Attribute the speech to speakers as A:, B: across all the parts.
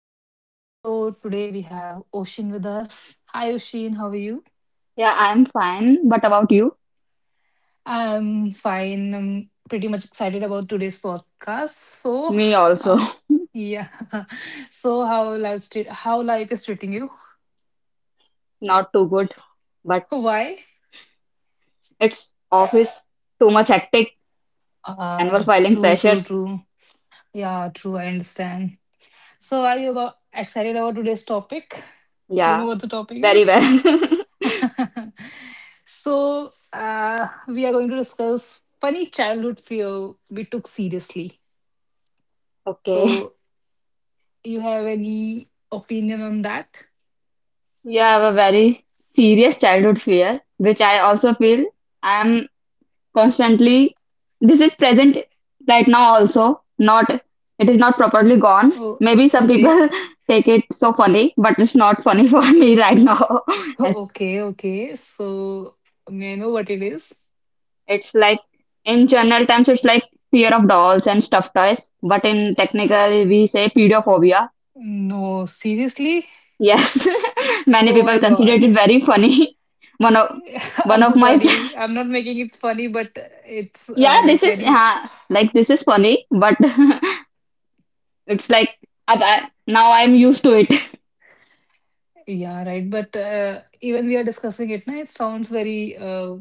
A: Hi everyone. So today we have Oshin with us. Hi Oshin, how are you?
B: Yeah, I'm fine. But about you?
A: I'm fine. I'm pretty much excited about today's podcast.
B: Me also.
A: Uh, yeah. So how life is treating you?
B: Not too good. But
A: Why?
B: it's office, too much hectic, annual filing
A: True, true,
B: pressures.
A: true. Yeah, true. I understand. So are you about excited about today's topic? You know
B: Yeah,
A: what the topic
B: very
A: is?
B: well.
A: So we are going to discuss funny childhood fear we took seriously.
B: Okay.
A: So, you have any opinion on that?
B: Yeah, I have a very serious childhood fear, which I also feel I'm constantly, this is present right now also, not, it is not properly gone.
A: Oh,
B: Maybe some
A: okay.
B: people take it so funny, but it's not funny for me right now.
A: Okay, okay. So, may I know what it is?
B: It's like in general terms, it's like fear of dolls and stuffed toys, but in technical, we say pedophobia.
A: No, seriously?
B: Yes, many
A: Oh
B: people
A: my
B: consider
A: God.
B: it very funny. One of one
A: I'm
B: of
A: so
B: my friend-
A: sorry. I'm not making it funny, but it's
B: yeah,
A: uh,
B: this
A: like
B: is
A: very,
B: like this is funny, but it's like now I'm used to it.
A: yeah, right. But even we are discussing it now, it sounds very uh,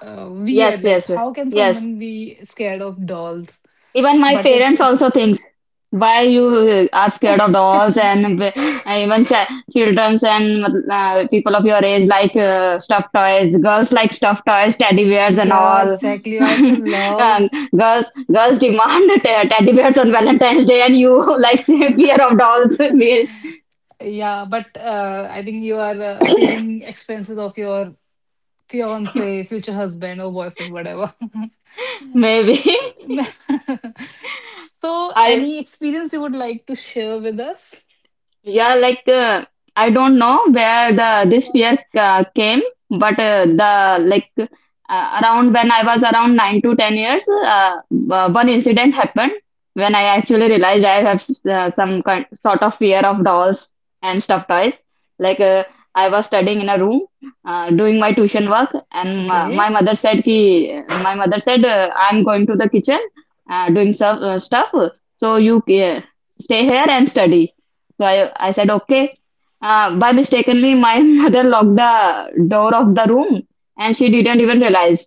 A: uh,
B: Yes,
A: weird. Like,
B: yes,
A: how can
B: yes.
A: someone be scared of dolls?
B: Even my
A: But it,
B: parents
A: it's,
B: also thinks, why you are scared of dolls and even ch childrens and people of your age like stuffed toys. Girls like stuffed toys, teddy bears and
A: yeah,
B: all.
A: exactly. I also
B: Um,
A: love.
B: girls, girls demand teddy bears on Valentine's Day, and you like fear of dolls. Maybe,
A: Yeah, but I think you are saving expenses of your fiance, future husband, or boyfriend, whatever.
B: maybe.
A: So, so
B: I
A: any experience you would like to share with us?
B: Yeah, like I don't know where the this fear came, but the like around when I was around 9 to 10 years, one incident happened when I actually realized I have some kind sort of fear of dolls and stuffed toys. Like I was studying in a room, doing my tuition work, and my
A: Okay.
B: mother said, "Ki," my mother said, "I'm going to the kitchen, doing some stuff, so you stay here and study." So I said, okay. By mistakenly, my mother locked the door of the room and she didn't even realize.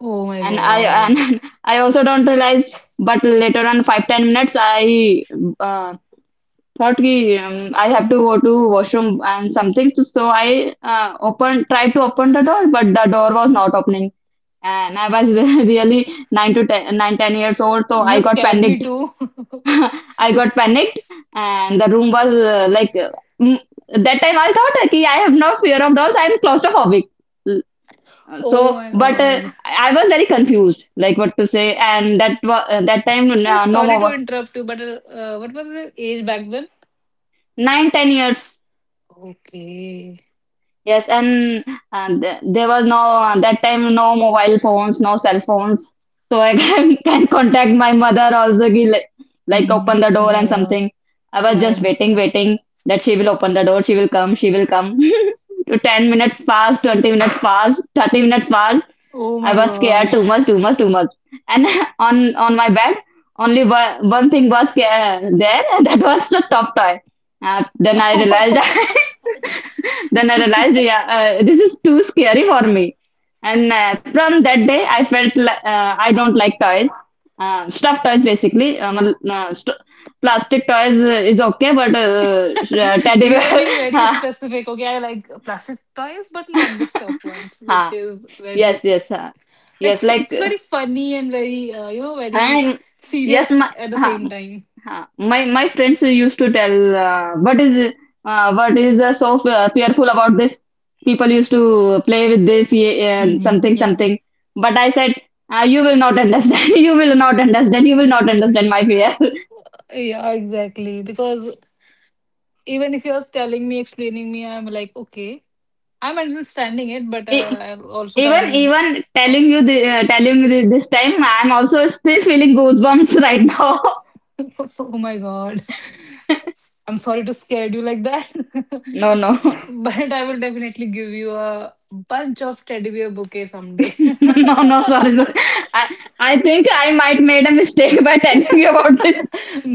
A: Oh my
B: And I
A: God.
B: and I also don't realize. But later on, 5 10 minutes, I uh, thought ki, I have to go to washroom and something. So I tried to open the door, but the door was not opening. And I was really nine to ten, 9 10 years old, so
A: You
B: I got
A: scared me
B: panicked.
A: too.
B: I got
A: It's.
B: panicked, and the room was like mm, that time I thought, "Okay, I have no fear of dolls. I'm claustrophobic. L- So,
A: Oh my
B: but
A: God.
B: I was very confused, like what to say. And that time,
A: I'm
B: no
A: sorry
B: more
A: to interrupt you, but what was the age back then?
B: 9 10 years.
A: Okay.
B: Yes, and, there was no that time no mobile phones, no cell phones, so I can contact my mother also. Ki, like,
A: Hmm.
B: open the door
A: Yeah,
B: and
A: yeah.
B: something. I was
A: Yeah, I
B: just waiting,
A: understand.
B: waiting that she will open the door. She will come. She will come. 10 minutes passed, 20 minutes passed, 30 minutes passed.
A: Oh
B: I
A: my
B: was scared
A: God.
B: too much, too much, too much. And on my bed, only one thing was there, and that was the top toy. Then I realized. Then I realized, yeah, this is too scary for me. And from that day, I felt like I don't like toys, stuffed toys basically. Plastic toys is okay, but teddy bear.
A: You are being very
B: Ha,
A: specific. Okay, I like plastic toys, but not the stuffed ones, which
B: ha.
A: is
B: Yes,
A: very
B: yes, ha.
A: like
B: Yes, like,
A: it's very funny and very you know very
B: and yes,
A: serious at the
B: ha.
A: same time.
B: Huh. My friends used to tell, what is, fearful about this? People used to play with this, yeah,
A: Hmm.
B: something
A: Yeah,
B: something. But I said, you will not understand. You will not understand. You will not understand my fear.
A: yeah, exactly. Because even if you're telling me, explaining me, I'm like, okay, I'm understanding it, but
B: E-
A: I also
B: even
A: can't.
B: even
A: uh,
B: telling you, the telling you this time, I'm also still feeling goosebumps right now.
A: oh my God. I'm sorry to scare you like that.
B: No, no.
A: But I will definitely give you a bunch of teddy bear bouquet someday.
B: No, no, sorry, sorry. I I think I might made a mistake by telling you about this.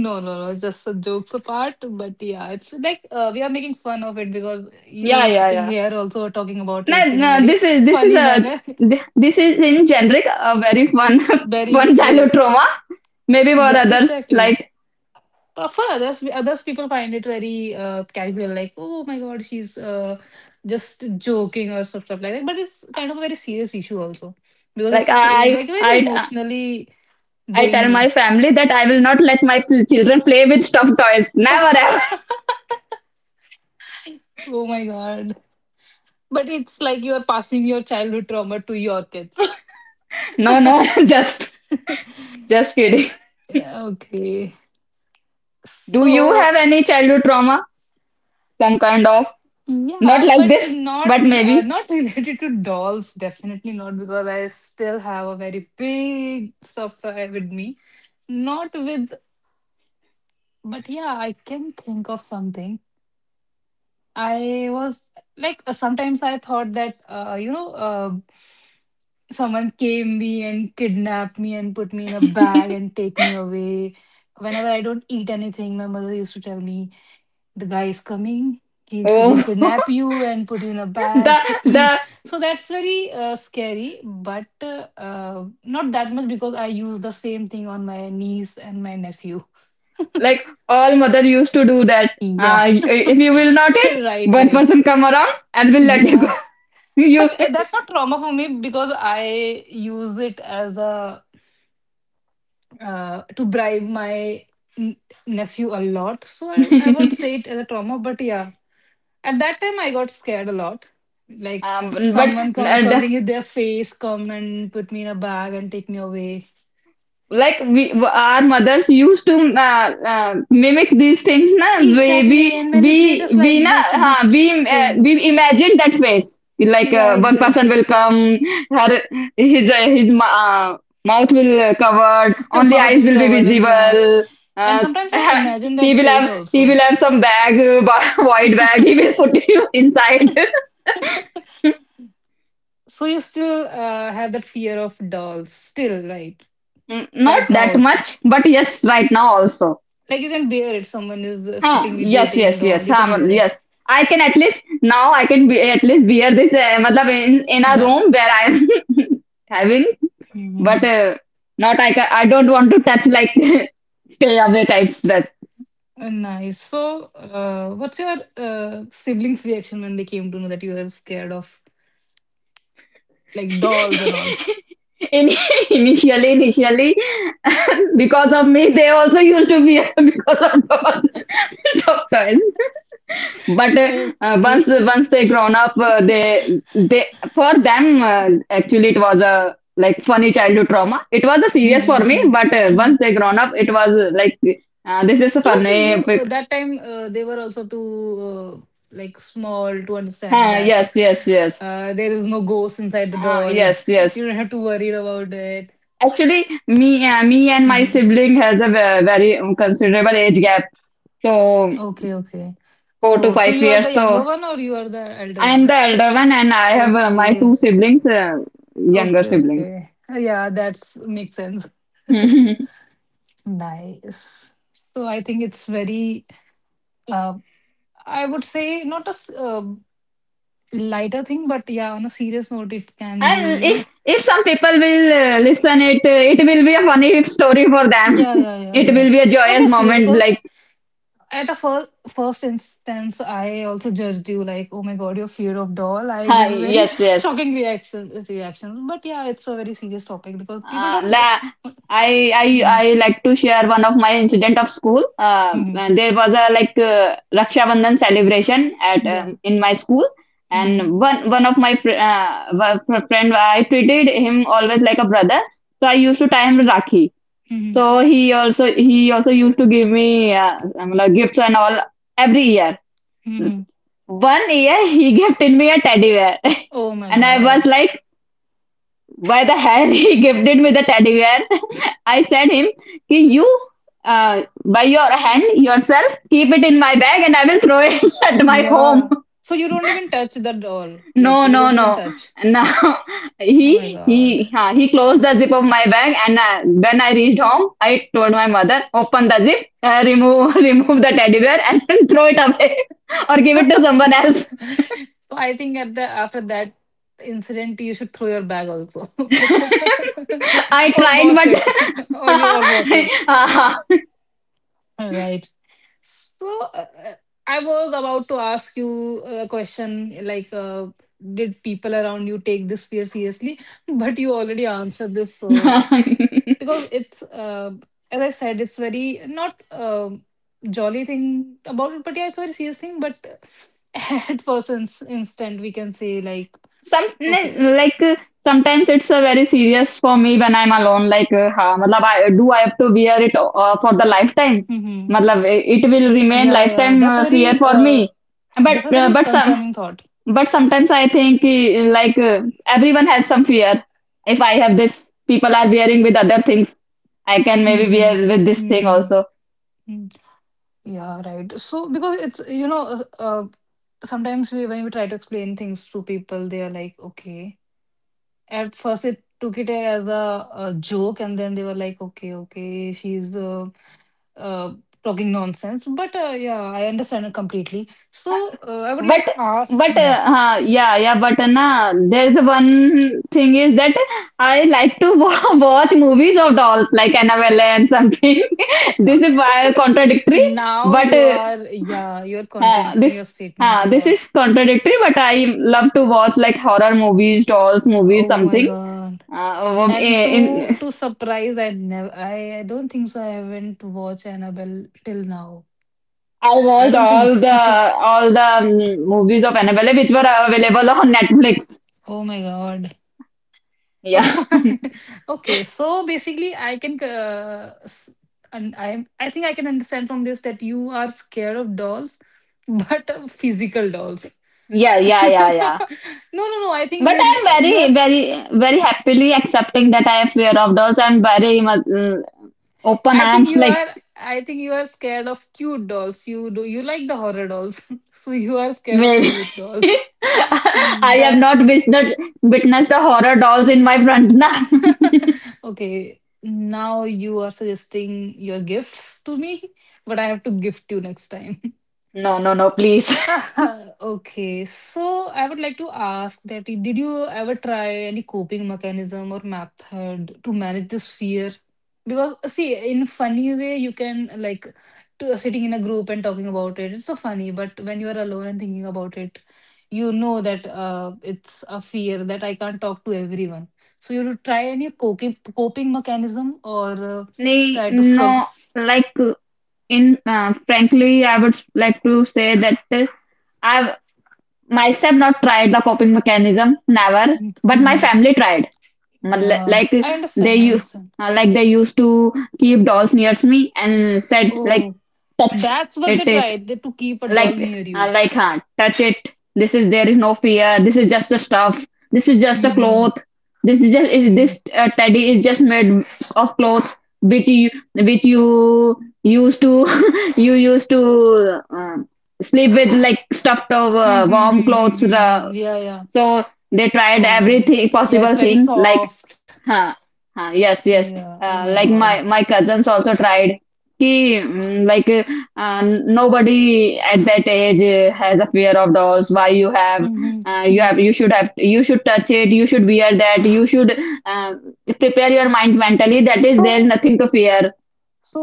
A: No no no, just a jokes apart, but yeah, it's like we are making fun of it because
B: Yeah,
A: you
B: yeah,
A: sitting
B: yeah.
A: here also are talking about
B: No,
A: it in a
B: no,
A: very funny manner.
B: this is in generic a very fun
A: Very
B: fun
A: we
B: childhood
A: like.
B: trauma. Maybe for
A: Yeah,
B: others,
A: exactly.
B: like,
A: But for others, others people find it very casual, like, oh my God, she's just joking or stuff, stuff like that. But it's kind of a very serious issue also because
B: like
A: it's
B: I
A: like very
B: I
A: emotionally
B: I
A: drain
B: tell my
A: you.
B: family that I will not let my children play with stuffed toys. Never ever.
A: Oh my God. But it's like you're passing your childhood trauma to your kids.
B: No, no.
A: Okay.
B: just just kidding.
A: Yeah, okay.
B: Do you
A: So
B: have any childhood trauma? Some kind of, not
A: yeah,
B: like
A: but
B: this, but maybe.
A: not related to dolls, definitely not, because I still have a very big software with me. Not with, but yeah, I can think of something. I was like sometimes I thought that you know someone came me and kidnapped me and put me in a bag and take me away. Whenever I don't eat anything, my mother used to tell me the guy is coming, he'll kidnap
B: Oh.
A: you and put you in a
B: the
A: bag, so eat,
B: the
A: so that's very scary, but not that much because I use the same thing on my niece and my nephew,
B: Like all mother used to do that.
A: yeah.
B: If you will not it,
A: Right,
B: one
A: right,
B: person come around and will let you go.
A: yeah.
B: You.
A: But that's not trauma for me because I use it as a to bribe my n- nephew a lot, so I won't say it as a trauma, but yeah, at that time, I got scared a lot. Like,
B: um, but
A: someone
B: the,
A: covering their face, come and put me in a bag and take me away.
B: like we our mothers used to mimic these things, na. we we
A: Exactly, and
B: we
A: manipulators
B: we
A: like
B: na.
A: this to do
B: Huh, we, we
A: things.
B: imagine that face, like
A: Yeah,
B: one person
A: exactly.
B: will come, her his mouth will covered, only
A: Mouth
B: eyes
A: is
B: will be
A: covered, and yeah.
B: visible.
A: And
B: uh,
A: sometimes I imagine
B: he
A: that
B: will
A: face
B: have he will
A: also.
B: have some bag, void bag, he will put you inside.
A: So you still have that fear of dolls, still, right?
B: Not
A: Right now
B: that
A: also.
B: much, but yes, right now also.
A: Like you can bear it. Someone is
B: Huh?
A: sitting with you,
B: Yes,
A: taking a
B: yes, yes.
A: doll. You can
B: Huh?
A: bear it.
B: Yes. I can at least now, I can be at least bear this. I mean, in a
A: That.
B: room where I am having, but not I. I don't want to touch like takeaway types. That
A: Nice. So, what's your siblings' reaction when they came to know that you were scared of like dolls and all?
B: Initially, because of me, they also used to be because of doctors. But once
A: Okay.
B: once they grown up, they for them, actually it was a like funny childhood trauma, it was a serious for me. But
A: Mm-hmm.
B: once they grown up, it was like this is a
A: Because
B: funny
A: you that time they were also too like small to understand
B: huh,
A: that
B: yes, yes, yes.
A: there is no ghost inside the doll.
B: Yes, yes.
A: You don't have to worry about it.
B: Actually, me and my
A: Mm-hmm.
B: sibling has a very considerable age gap, so
A: Okay, okay.
B: 4 to
A: Oh, so
B: 5
A: you are
B: years.
A: the
B: So
A: younger one or you are the elder
B: I am
A: one?
B: the elder one and I have my two
A: Okay.
B: siblings, younger
A: Okay,
B: siblings.
A: okay. Yeah, that's makes sense. Nice. So I think it's very, uh, I would say not a lighter thing, but yeah, on a serious note, it can be,
B: And
A: you
B: if
A: know.
B: if some people will listen it, it will be a funny story for them.
A: Yeah, yeah, yeah,
B: It
A: yeah.
B: will be a joyous
A: Obviously,
B: moment.
A: because
B: Like,
A: at a first instance, I also judged you like, oh my God, your fear of doll. I give
B: hi,
A: you very
B: yes, yes.
A: shocking reactions, reactions. But yeah, it's a very serious topic because people don't.
B: La, I
A: Mhm,
B: I like to share one of my incident of school.
A: mhm.
B: And there was a like Raksha Bandhan celebration at
A: Yeah.
B: in my school,
A: Mm-hmm.
B: and one of my friend I treated him always like a brother. So I used to tie him Rakhi. So
A: Mm-hmm.
B: he also used to give me, like, gifts and all every year.
A: Mm-hmm.
B: One year he gifted me a teddy bear,
A: Oh my
B: and I was
A: God.
B: like, "Why the hell he gifted me the teddy bear?" I said him, "Ki, you, uh, by your hand yourself keep it in my bag, and I will throw it at my home."
A: Yeah. So you don't even touch the doll. Like
B: No,
A: you
B: no,
A: don't even
B: no.
A: touch.
B: Now
A: Oh my
B: he
A: God.
B: he uh, he closed the zip of my bag, and when I reached home, I told my mother, open the zip, remove, remove the teddy bear, and then throw it away. Or give it to someone else.
A: So I think at the after that incident, you should throw your bag also.
B: I
A: Or wash it.
B: tried,
A: Or you or wash it. Right. So uh, uh, I was about to ask you a question like did people around you take this fear seriously? But you already answered this, so
B: but
A: because it's as I said, it's very not jolly thing about it, but yeah, it's a very serious thing. But at first instant, we can say like,
B: some
A: okay,
B: n- like uh, sometimes it's, very serious for me when I'm alone. Like, ha, matlab, do I have to wear it for the lifetime?
A: hmm,
B: Matlab, it will remain
A: yeah, yeah,
B: lifetime, fear for me. But
A: that's a
B: uh,
A: very
B: but some
A: concerning thought.
B: but sometimes I think, like, everyone has some fear. If I have this, people are wearing with other things. I can maybe wear
A: Hmm.
B: with this thing
A: Hmm.
B: also.
A: Yeah, right. So because it's you know sometimes we when we try to explain things to people, they are like, okay. At first, it took it as a joke, and then they were like, okay, okay, she's uh, talking nonsense. But yeah, I understand it completely. So I would
B: but
A: like to ask,
B: but
A: yeah.
B: uh, huh, yeah, yeah, but nah, there's one thing is that I like to watch movies of dolls like Annabelle and something. This is why contradictory,
A: Now
B: but
A: you are, yeah, you're contradicting
B: this,
A: your statement a
B: this
A: lot.
B: is contradictory. But I love to watch like horror movies, dolls movies,
A: Oh my
B: something.
A: God. And
B: In
A: to surprise, I never, I don't think so. I haven't watched Annabelle till now.
B: I
A: I
B: watched
A: don't think so.
B: all the movies of Annabelle which were available on Netflix.
A: Oh my God.
B: Yeah.
A: Okay, so basically, I can and I think I can understand from this that you are scared of dolls, but physical dolls.
B: Yeah, yeah,
A: No,
B: yeah,
A: no,
B: yeah.
A: no, no. I think
B: But
A: you
B: I'm
A: you are.
B: very, very, very happily accepting that I have fear of dogs. I'm very much, open
A: I think
B: arms,
A: you
B: like,
A: are. I think you are scared of cute dolls. You do. You like the horror dolls, so you are scared of
B: maybe.
A: cute dolls.
B: I have
A: That.
B: not witnessed, the horror dolls in my front. Na.
A: Okay. Now you are suggesting your gifts to me, but I have to gift you next time.
B: No, no, no, please.
A: Okay, so I would like to ask that did you ever try any coping mechanism or method to manage this fear? Because see, in funny way you can like to, sitting in a group and talking about it. It's so funny, but when you are alone and thinking about it, you know that it's a fear that I can't talk to everyone. So you would try any coping mechanism or uh,
B: Nee,
A: try to frog.
B: no, like, in frankly, I would like to say that I've myself not tried the coping mechanism, never, but my family tried. But,
A: Yeah,
B: like,
A: I
B: they
A: understand. I
B: you
A: understand.
B: like they used to keep dolls near me and said, like,
A: Oh,
B: touch
A: that's what
B: it.
A: they tried they, to keep a doll near you.
B: Touch it. This is, there is no fear. This is just a stuff. This is just a
A: Hmm.
B: cloth. This is just is
A: Hmm.
B: this teddy is just made of clothes which you used to you used to, sleep with like stuffed
A: Hmm.
B: over
A: Hmm.
B: warm
A: Hmm. Hmm.
B: clothes.
A: Hmm, hmm. Yeah. Yeah.
B: So they tried
A: Oh my God.
B: everything
A: Yeah,
B: possible
A: it's very
B: thing, like,
A: soft.
B: huh, huh, yes, yes.
A: Yeah. Oh my
B: Like
A: God.
B: my cousins also tried. He, like, nobody at that age has a fear of dolls. Why you have
A: Hmm.
B: you
A: Hmm.
B: have you should touch it. You should wear that. You should uh, prepare your mind mentally. That is there
A: So.
B: nothing to fear.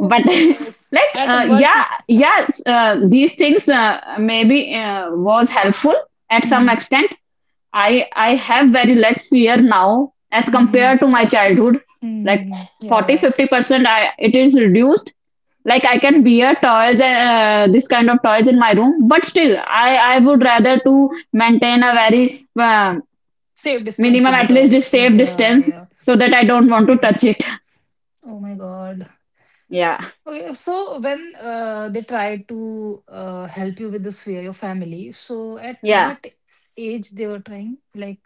B: But
A: At what?
B: these things maybe was helpful at some
A: Hmm.
B: extent. I have very less fear now as
A: Hmm.
B: compared to my
A: Yes.
B: childhood. Like
A: Hmm. Yeah.
B: forty
A: Yeah.
B: fifty percent I it is reduced. Like I
A: Okay.
B: can bear toys and this kind of toys in my room, but still I would rather to maintain a very
A: Safe distance
B: minimum
A: with the
B: at least a
A: dolls.
B: safe
A: Yeah.
B: distance
A: Yeah.
B: so that I don't want to touch it.
A: Oh my God.
B: Yeah.
A: Okay, so when they try to help you with this fear, your family, so at
B: Yeah.
A: what age they were trying? Like,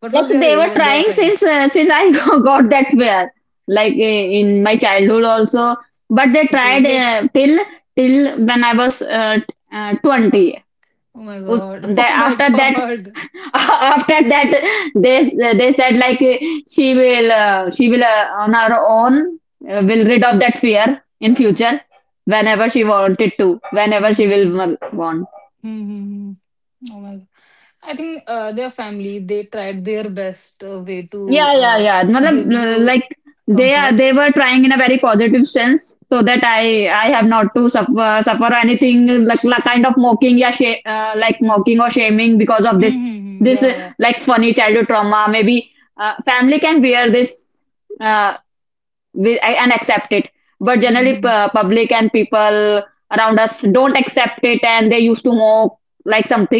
A: what
B: Like
A: was your
B: they
A: age
B: were
A: when they were
B: trying
A: trying?
B: since I got that pair, like in my childhood also. But they
A: Okay,
B: tried
A: late.
B: till when I was 20.
A: Oh my
B: Us-
A: God.
B: That
A: Oh my
B: after that,
A: God.
B: after that they said like she will on her own will rid of that fear in future whenever she wanted to, whenever
A: Mm-hmm.
B: want.
A: Mm-hmm. Oh my God. I think their family, they tried their best way to
B: Yeah, yeah, yeah.
A: give
B: Matlab,
A: you
B: like
A: comfort.
B: they were trying in a very positive sense so that I have not to suffer anything like kind of mocking, yeah, sh like
A: Mm-hmm.
B: mocking or shaming because of this this uh,
A: Yeah, yeah.
B: like funny childhood trauma. Maybe family can bear this uh, with, and accept it, but generally
A: Mm-hmm.
B: public and people around us don't accept it and they used to mock like something.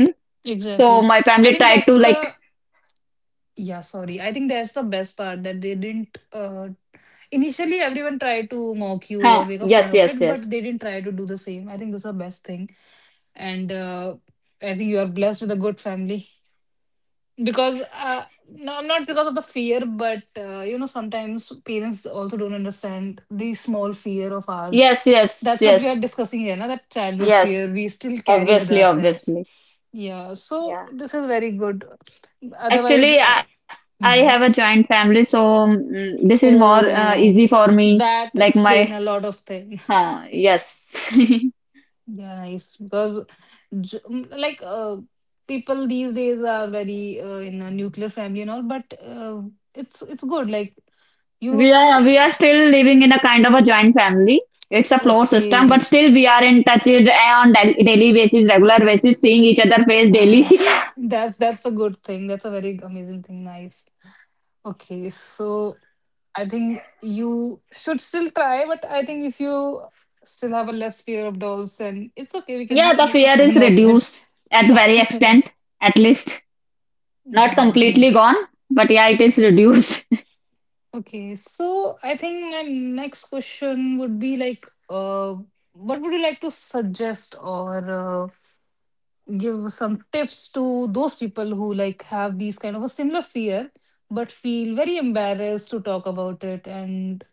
B: So
A: Exactly.
B: my
A: I
B: family
A: think
B: tried to
A: that's
B: like,
A: the, yeah, sorry. I think that's the best part that they didn't initially, everyone tried to mock you or
B: huh,
A: make a fun
B: yes,
A: of
B: yes,
A: it, but
B: yes.
A: they didn't try to do the same. I think that's the best thing. And I think you are blessed with a good family because no, not because of the fear, but you know, sometimes parents also don't understand the small fear of ours.
B: Yes, yes,
A: That's what we are
B: yes,
A: discussing here, na? That childhood
B: yes.
A: fear we still carry with
B: Obviously,
A: ourselves.
B: obviously.
A: Yeah, so
B: Yeah.
A: this is very good. Otherwise,
B: Actually, I have a
A: mhm.
B: joint family, so this is more easy
A: Oh,
B: for me.
A: that
B: Like my,
A: explain a lot of things.
B: huh, yes.
A: Yeah, nice. Because like people these days are very in a nuclear family and all, but it's good. Like
B: We are
A: you,
B: we are still living in a kind of a joint family. It's a floor system, but
A: okay,
B: still we are in touch on daily basis, regular basis, seeing each other face daily.
A: uh, that's a good thing. That's a very amazing thing. Nice. Okay, so I think you should still try, but I think if you still have a less fear of dolls, then it's okay. We
B: Yeah,
A: can
B: the
A: make a
B: fear is
A: fun of it.
B: reduced at
A: Yeah,
B: very extent, at least not
A: yeah, good
B: completely
A: night.
B: gone, but yeah, it is reduced.
A: Okay, so I think my next question would be like, what would you like to suggest or give some tips to those people who like have these kind of a similar fear but feel very embarrassed to talk about it and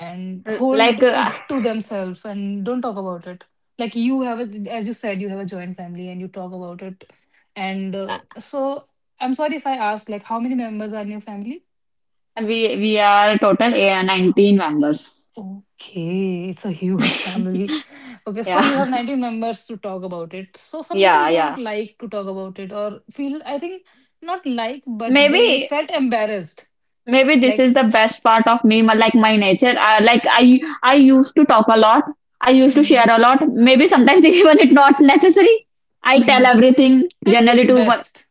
A: and
B: Like
A: hold it to themselves and don't talk about it. Like you have a, as you said, you have a joint family and you talk about it. And so I'm sorry if I ask, like, how many members are in your family?
B: we are total 19 members.
A: Okay, it's a huge family. Okay, so
B: Yeah,
A: you have 19 members to talk about it. So some people
B: yeah,
A: don't
B: yeah.
A: like to talk about it or feel, I think, not like, but they
B: Maybe
A: felt embarrassed.
B: maybe this
A: Like,
B: is the best part of me, like my nature. Like I used to talk a lot. I used to
A: mhm,
B: share a lot. Maybe sometimes even it not necessary. I tell
A: mhm.
B: everything
A: I think it's
B: generally to
A: best.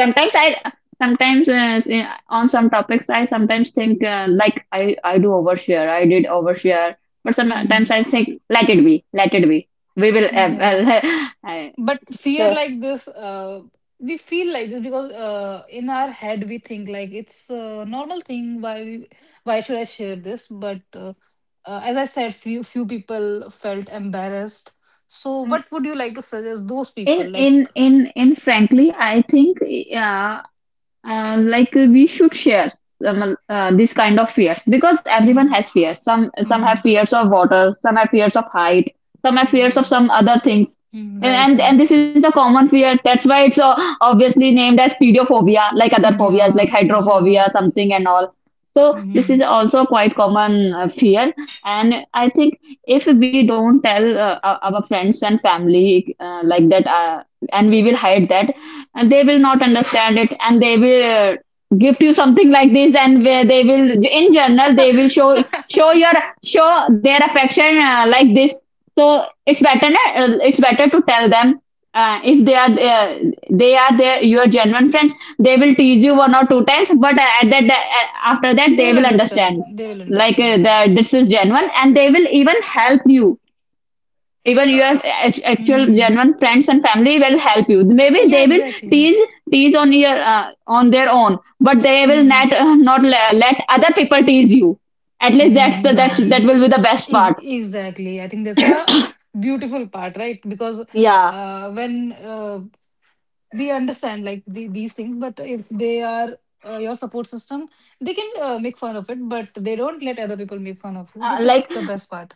B: sometimes I sometimes on some topics I sometimes think like I do overshare, I did overshare, but sometimes
A: Mm,
B: I think let it be, let it be, we will,
A: yeah.
B: well, I,
A: But fear
B: so
A: like this, we feel like this because in our head we think like it's a normal thing. Why should I share this? But as I said, few people felt embarrassed. So,
B: mm,
A: what would you like to suggest those people?
B: in
A: Like,
B: in in in frankly I think, yeah, like we should share, this kind of fear, because everyone
A: mm,
B: has fear. Some have
A: mm,
B: fears of water, some have fears of height, some have fears of
A: mm,
B: some other things,
A: mm, right, right,
B: and this is the common fear. That's why it's obviously named as pediophobia, like other phobias, like
A: yeah, yeah,
B: hydrophobia something and all. So this is
A: mhm.
B: also quite common fear, and I think if we don't tell our friends and family like that and we will hide that, and they will not understand it, and they will gift you something like this, and where they will in general they will show your show their affection like this. So it's better, it's better to tell them. If they are they are their your genuine friends, they will tease you one or two times, but at that after that
A: They
B: they
A: will
B: will understand,
A: understand. They will
B: like
A: understand. Yeah,
B: that
A: yeah.
B: this is genuine and they will even help you. Even your actual
A: Mm.
B: genuine friends and family will help you. Maybe
A: Yeah,
B: they will
A: exactly.
B: tease, on your, on their own, but they will not
A: Mm.
B: let other people tease you, at least. That's the, that
A: Mm-hmm.
B: will be the best part.
A: Exactly. I think that's a beautiful part, right? Because
B: Yeah.
A: when we understand like these things, but if they are your support system, they can make fun of it, but they don't let other people make fun of you, which is
B: Like
A: the best part.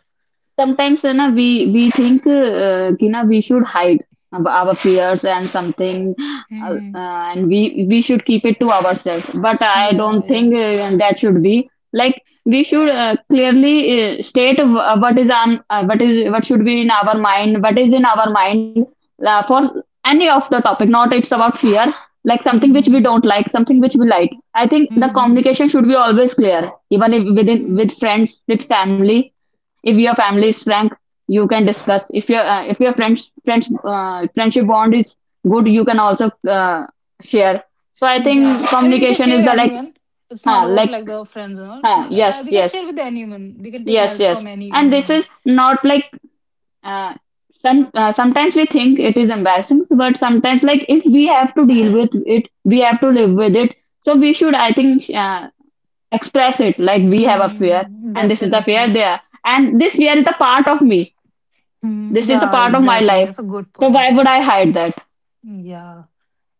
B: sometimes, you know, we think, we should hide our fears and something, uh,
A: Hmm,
B: and we should keep it to ourselves, but I
A: yeah,
B: don't
A: yeah,
B: think that should be like. We should clearly state what is on, what is, what should be in our mind, what is in our mind, for any of the topic, not it's about fear, like something which we
A: hmm,
B: don't like, something which we like. I think the
A: hmm,
B: communication should be always clear, even if within,
A: hmm.
B: with friends, with family. If your family is frank, you can discuss. If your, friends friendship bond is good, you can also share. So I think
A: Yeah, I think we can
B: communication
A: share
B: is the like,
A: anyone. It's not
B: huh,
A: about
B: like,
A: like the friends and all.
B: huh, yes,
A: We can
B: yes,
A: share with anyone. We can take
B: yes,
A: help from
B: yes, and this
A: anyone.
B: is not like uh, sometimes we think it is embarrassing, but sometimes like if we have to deal with it, we have to live with it. So we should, I think, express it like we have a fear,
A: Hmm.
B: and this is the fear
A: Definitely.
B: there, and this fear is the part of me.
A: Hmm.
B: This is a
A: Yeah,
B: part of my
A: exactly.
B: life.
A: That's a good
B: So
A: point.
B: why would
A: Yeah.
B: I hide that?
A: Yeah.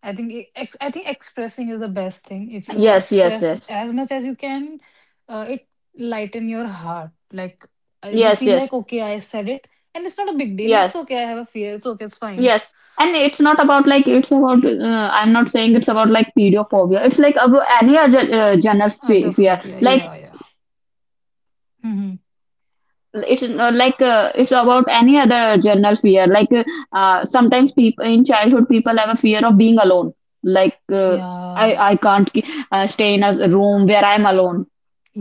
A: I think I think expressing is the best thing. If you
B: Yes, yes,
A: express
B: yes.
A: as much as you can, it lighten your heart. Like,
B: Yes,
A: you
B: yes,
A: feel like okay, I said it, and it's not a big deal.
B: yes,
A: It's okay. I have a fear. It's okay. It's fine.
B: yes. And it's not about like, it's about, I'm not saying it's about like pedophobia. It's like about any other general
A: Other
B: fear.
A: phobia.
B: Like,
A: Yeah, yeah. Hmm.
B: it's about any other general fear. Like, sometimes people in childhood, people have a fear of being alone. Like,
A: Yeah,
B: I can't stay in a room where I'm alone.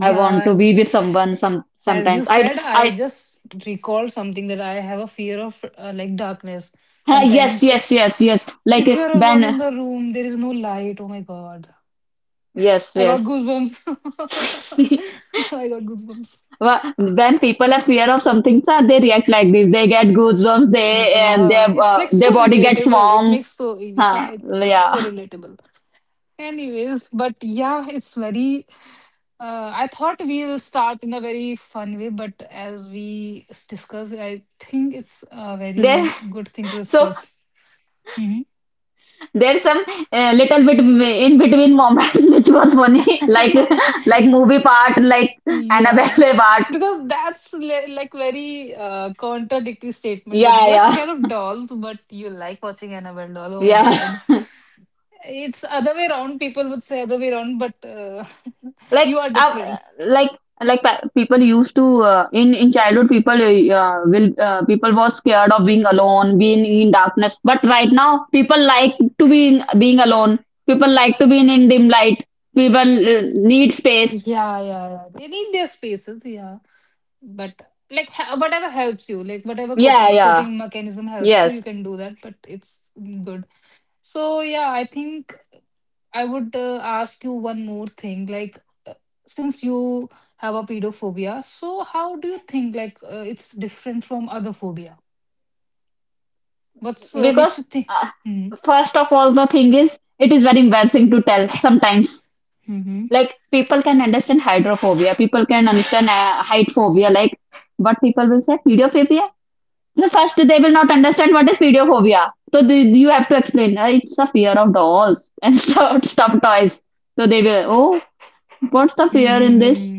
B: I want to be with someone some
A: As you
B: sometimes.
A: said, I
B: I
A: just recalled something that I have a fear of like darkness.
B: Ha! Yes,
A: Sometimes,
B: yes, yes, yes. Like,
A: if you're alone in
B: when,
A: the room, there is no light. Oh my God,
B: yes,
A: I got
B: yes.
A: goosebumps. I got goosebumps.
B: When people are fear of something, sir, they react like this. They get goosebumps. They and their,
A: Yeah, it's like
B: their
A: so
B: body gets
A: relatable. It
B: warm.
A: makes so, yeah,
B: Huh,
A: it's so
B: yeah.
A: relatable. Anyways, but yeah, it's very, I thought we'll start in a very fun way, but as we discuss, I think it's a
B: There.
A: very good thing to
B: So
A: discuss. Hmm.
B: there's some little bit in between moments which was funny, like movie part, like
A: Yeah,
B: Annabelle part.
A: because that's like very contradictory statement that
B: Yeah,
A: you are
B: yeah,
A: scared of dolls, but you like watching Annabelle doll. Oh my
B: yeah.
A: God. It's other way around. People would say other way around, but
B: Like,
A: you are different.
B: like, like people used to, in childhood, people will people was scared of being alone, being in darkness. But right now, people like to be in, being alone. People like to be in dim light. People need space.
A: Yeah, yeah, yeah. They need their spaces. Yeah, but like whatever helps you, like whatever
B: Yeah, yeah,
A: coping mechanism helps you, you
B: yes.
A: can do that. But it's good. So yeah, I think I would ask you one more thing. Like since you have a pedophobia, so how do you think like it's different from other phobia? What's makes
B: Because
A: you think?
B: uh,
A: Mm-hmm.
B: first of all, the thing is, it is very embarrassing to tell sometimes.
A: Mm-hmm.
B: Like people can understand hydrophobia, people can understand height phobia, like, but people will say videophobia. The first, they will not understand what is video phobia. So the, you have to explain. It's a fear of dolls and stuff, stuffed toys." So they will. Oh, what's the fear in this?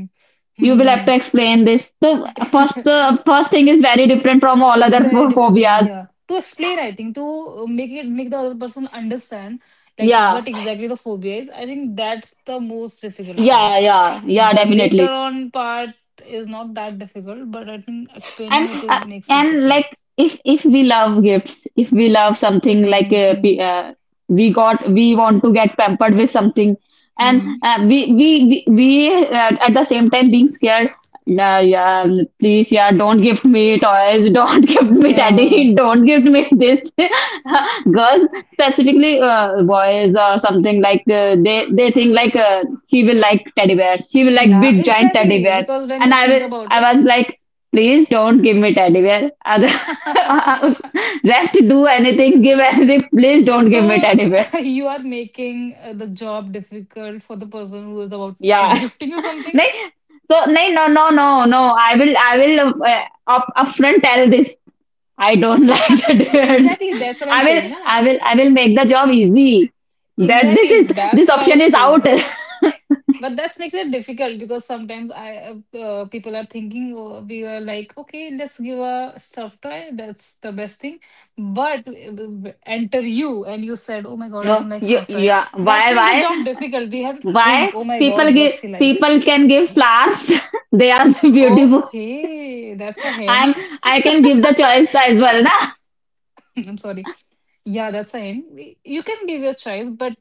B: You will have
A: Mm-hmm.
B: to explain this. So the first thing is very different from all other
A: Very differently,
B: phobias.
A: yeah. To explain, I think to make it make the other person understand like
B: Yeah,
A: what exactly the phobia is. I think that's the most difficult
B: yeah,
A: part.
B: yeah, yeah.
A: The later
B: Definitely.
A: on part is not that difficult, but I think explaining
B: and
A: it is
B: uh,
A: makes it
B: and
A: difficult.
B: like, if we love gifts, if we love something like,
A: Mm-hmm.
B: we got, we want to get pampered with something, and
A: Hmm.
B: we at the same time being scared. Nah, yeah, please, yeah, don't gift me toys, don't gift me
A: Yeah.
B: teddy, don't gift me this. Girls, specifically, boys or something like, they think like, he will like teddy bears, he will like
A: Yeah,
B: big giant teddy
A: exactly.
B: bear,
A: Because when
B: and
A: you
B: I
A: think
B: will,
A: about it,
B: I was like, please don't give me teddy bear. Other- Rest do anything, give anything. Please don't give me
A: so
B: teddy bear.
A: you are making the job difficult for the person who is about to
B: Yeah.
A: gifting you something.
B: नहीं, so नहीं, no, no, no, no. I will upfront tell this. I don't like teddy bears.
A: Exactly, that's what I'm saying, na? E-
B: I will make the job easy. That this is,
A: exactly, that's
B: this
A: what I
B: option
A: was
B: is out.
A: saying, but that's makes it difficult because sometimes I people are thinking oh, we are like okay, let's give a stuffed toy, that's the best thing, but enter you and you said oh my god, I
B: No,
A: don't like
B: you,
A: stuffed toy.
B: yeah.
A: That's make the job difficult, we have to think
B: Why?
A: oh my
B: People
A: god,
B: give,
A: what's he like.
B: people can give flowers. They are beautiful.
A: Okay, that's a hint.
B: I'm I can give the choice as well, na?
A: I'm sorry. Yeah, that's fine. You can give your choice, but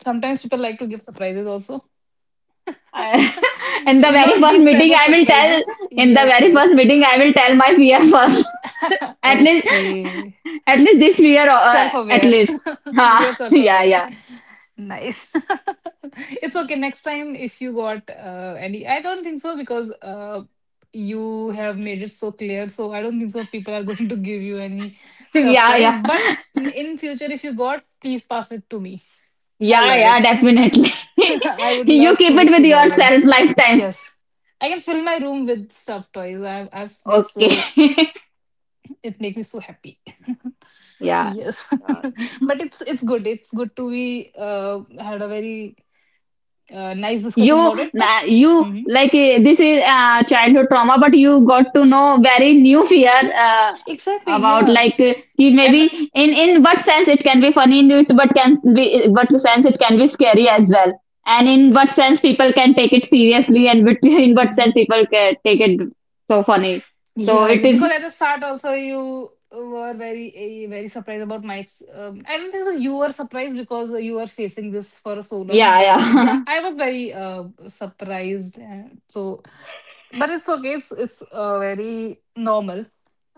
A: sometimes people like to give surprises also.
B: I- in the very
A: Not
B: first
A: these type
B: meeting,
A: of
B: I will tell.
A: surprises.
B: In the
A: Yes,
B: very
A: yes.
B: first meeting, I will tell my fear first. At least,
A: Okay.
B: at least this fear.
A: Self
B: At
A: aware.
B: least, ha,
A: You're self
B: yeah,
A: aware.
B: yeah,
A: Nice. It's okay. Next time, if you got any, I don't think so because you have made it so clear. So I don't think so people are going to give you any stuff
B: yeah,
A: toys.
B: yeah,
A: But in future, if you got, please pass it to me. I
B: yeah,
A: love
B: yeah,
A: it.
B: definitely.
A: I would
B: You
A: love
B: keep
A: to
B: it with
A: receive all of them.
B: yourself lifetime.
A: Yes. I can fill my room with stuffed toys. I'm like
B: Okay.
A: so it make me so happy.
B: Yeah.
A: Yes.
B: Sure.
A: But it's good, it's good to we had a very nice
B: You,
A: discussion about it, but
B: you
A: mhm,
B: like, eh, this is childhood trauma, but you got to know very new fear, uh,
A: exactly
B: about
A: yeah.
B: like, eh, he
A: at the
B: maybe,
A: s-
B: in what sense it can be funny in it, but can be what sense it can be scary as well, and in what sense people can take it seriously and in what sense
A: mm,
B: people can take it so funny. So
A: yeah.
B: it is,
A: Because at the start also you were very very surprised about my I don't think so you were surprised because you were facing this for so long,
B: yeah,
A: but
B: yeah.
A: yeah, I was very surprised, so, but it's okay, it's very normal.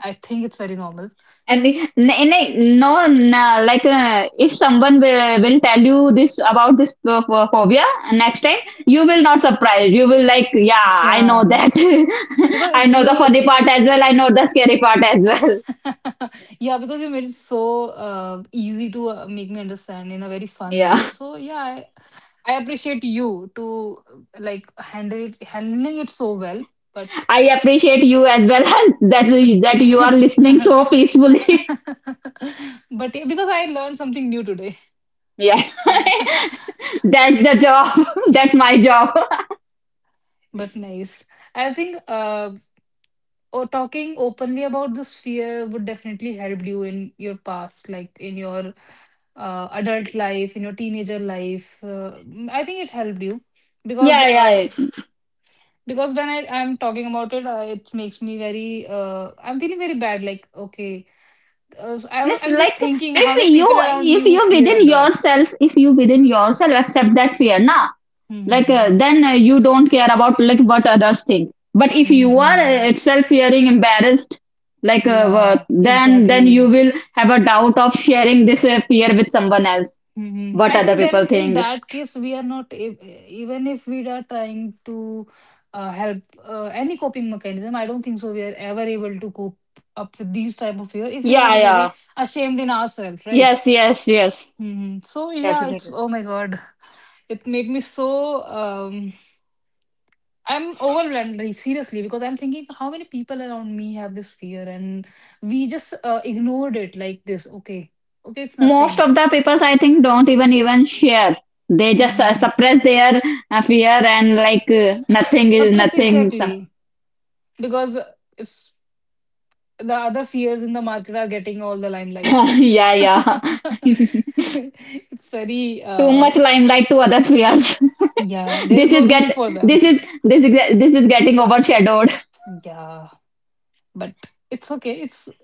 A: I think it's very normal,
B: And no, like, if someone will tell you this about this phobia next time, you will not surprise. You will like, yeah, I know
A: yeah.
B: that.
A: Because
B: I
A: it's
B: know the
A: you,
B: funny part as well. I know the scary part as well.
A: yeah, because you made it so easy to make me understand in a very fun
B: Yeah,
A: way. So yeah, I appreciate you to like handle it, handling it so well. But
B: I appreciate you as well
A: but
B: that that you are listening
A: yeah,
B: so peacefully.
A: because I learned something new today.
B: Yeah,
A: Uh,
B: that's the job. That's my job.
A: but nice. I think, or talking openly about this fear would definitely help you in your past, like in your adult life, in your teenager life, I think it helped you because
B: Yeah,
A: uh,
B: yeah.
A: because when I'm talking about it, it makes me very I'm feeling very bad, like okay,
B: And it's
A: I'm just
B: like,
A: thinking how
B: if
A: many
B: you,
A: people around me who fear of dog.
B: if you within yourself accept that fear now, like,
A: Mm-hmm.
B: then you don't care about like what others think. But if you are,
A: Mm-hmm.
B: itself fearing embarrassed, like,
A: Yeah,
B: then you
A: exactly.
B: will have a doubt of sharing this fear with someone else,
A: Hmm.
B: what
A: I
B: other
A: think
B: people
A: then in
B: think.
A: that case, we are not, even if we are trying to help any coping mechanism, I don't think so we are ever able to cope up with these type of fear if we are
B: Yeah, yeah,
A: very ashamed in ourselves, right?
B: yes, yes, yes,
A: Hmm. So yeah, it's,
B: definitely.
A: oh my God, it made me so, I'm overwhelmed like, seriously, because I'm thinking how many people around me have this fear and we just ignored it like this. Okay, okay, it's
B: Most
A: nothing.
B: of the peoples, I think, don't even share. They just
A: Hmm.
B: suppress their fear, and like, nothing is
A: Suppress,
B: nothing, some-
A: exactly. Because it's the other fears in the market are getting all the limelight.
B: yeah, yeah.
A: It's very
B: Too much
A: uh,
B: limelight to other fears.
A: yeah, there
B: This
A: is
B: is
A: no
B: get
A: room for them.
B: this is getting overshadowed.
A: Yeah, but it's okay.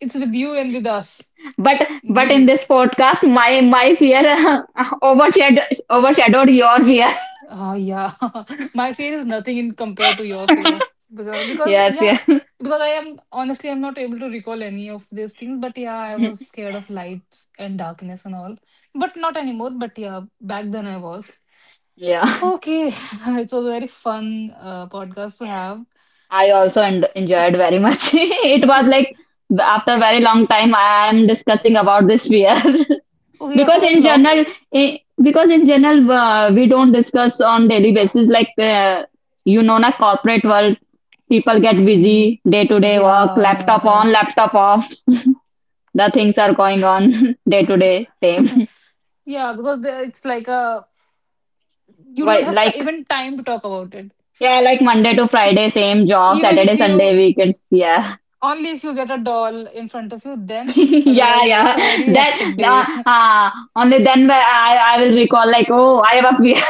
A: It's with you and with us.
B: But in
A: We
B: this podcast my, my fear overshadowed, overshadowed your fear.
A: Yeah. My fear is nothing in compared to your fear. Because
B: Yes,
A: yeah,
B: yeah.
A: because I am honestly I'm not able to recall any of these things, but yeah, I was scared of lights and darkness and all. But not anymore, but yeah, back then I was.
B: Yeah,
A: Okay, it's a very fun podcast to have.
B: I also en enjoyed very much. It was like, after a very long time I am discussing about this fear,
A: Okay, after a
B: because
A: very
B: in
A: long
B: general,
A: time.
B: we don't discuss on daily basis, like, you know na, corporate world, people get busy
A: Mhm.
B: day to day work,
A: Yeah, yeah,
B: laptop on,
A: right.
B: laptop off, the things are going on, day to day same.
A: Yeah, because it's like a you don't have
B: Like,
A: even time to talk about it.
B: yeah, like Monday to Friday same job,
A: Even if
B: Saturday Sunday
A: you
B: weekends, yeah.
A: Only if you get a doll in front of you, then
B: Yeah,
A: otherwise it's
B: yeah.
A: a very
B: That
A: hectic day.
B: only then where I will recall like, oh, I was here.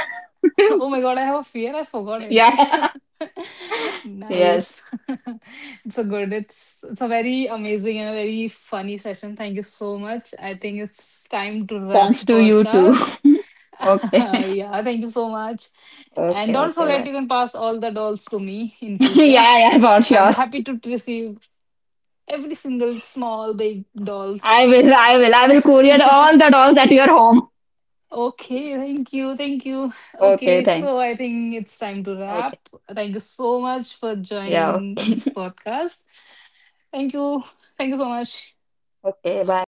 A: Oh my God, I have a fear. I forgot it.
B: Yeah. Yes.
A: Nice. It's a good, it's a very amazing and a very funny session. Thank you so much. I think it's time to wrap
B: Thanks
A: the
B: to you too.
A: podcast.
B: Okay.
A: Yeah, thank you so much. And
B: Okay.
A: don't
B: Okay.
A: forget,
B: Bye.
A: you can pass all the dolls to me in future.
B: Yeah. Yeah. For
A: I'm
B: sure.
A: happy to receive every single small, big dolls.
B: I will courier all the dolls at your home.
A: Okay, thank you, thank you.
B: Okay.
A: Okay,
B: Thank.
A: so I think it's time to
B: Okay.
A: wrap. Thank you so much for
B: Yeah.
A: joining
B: Okay.
A: this podcast. Thank you, thank you so much.
B: Okay. Bye.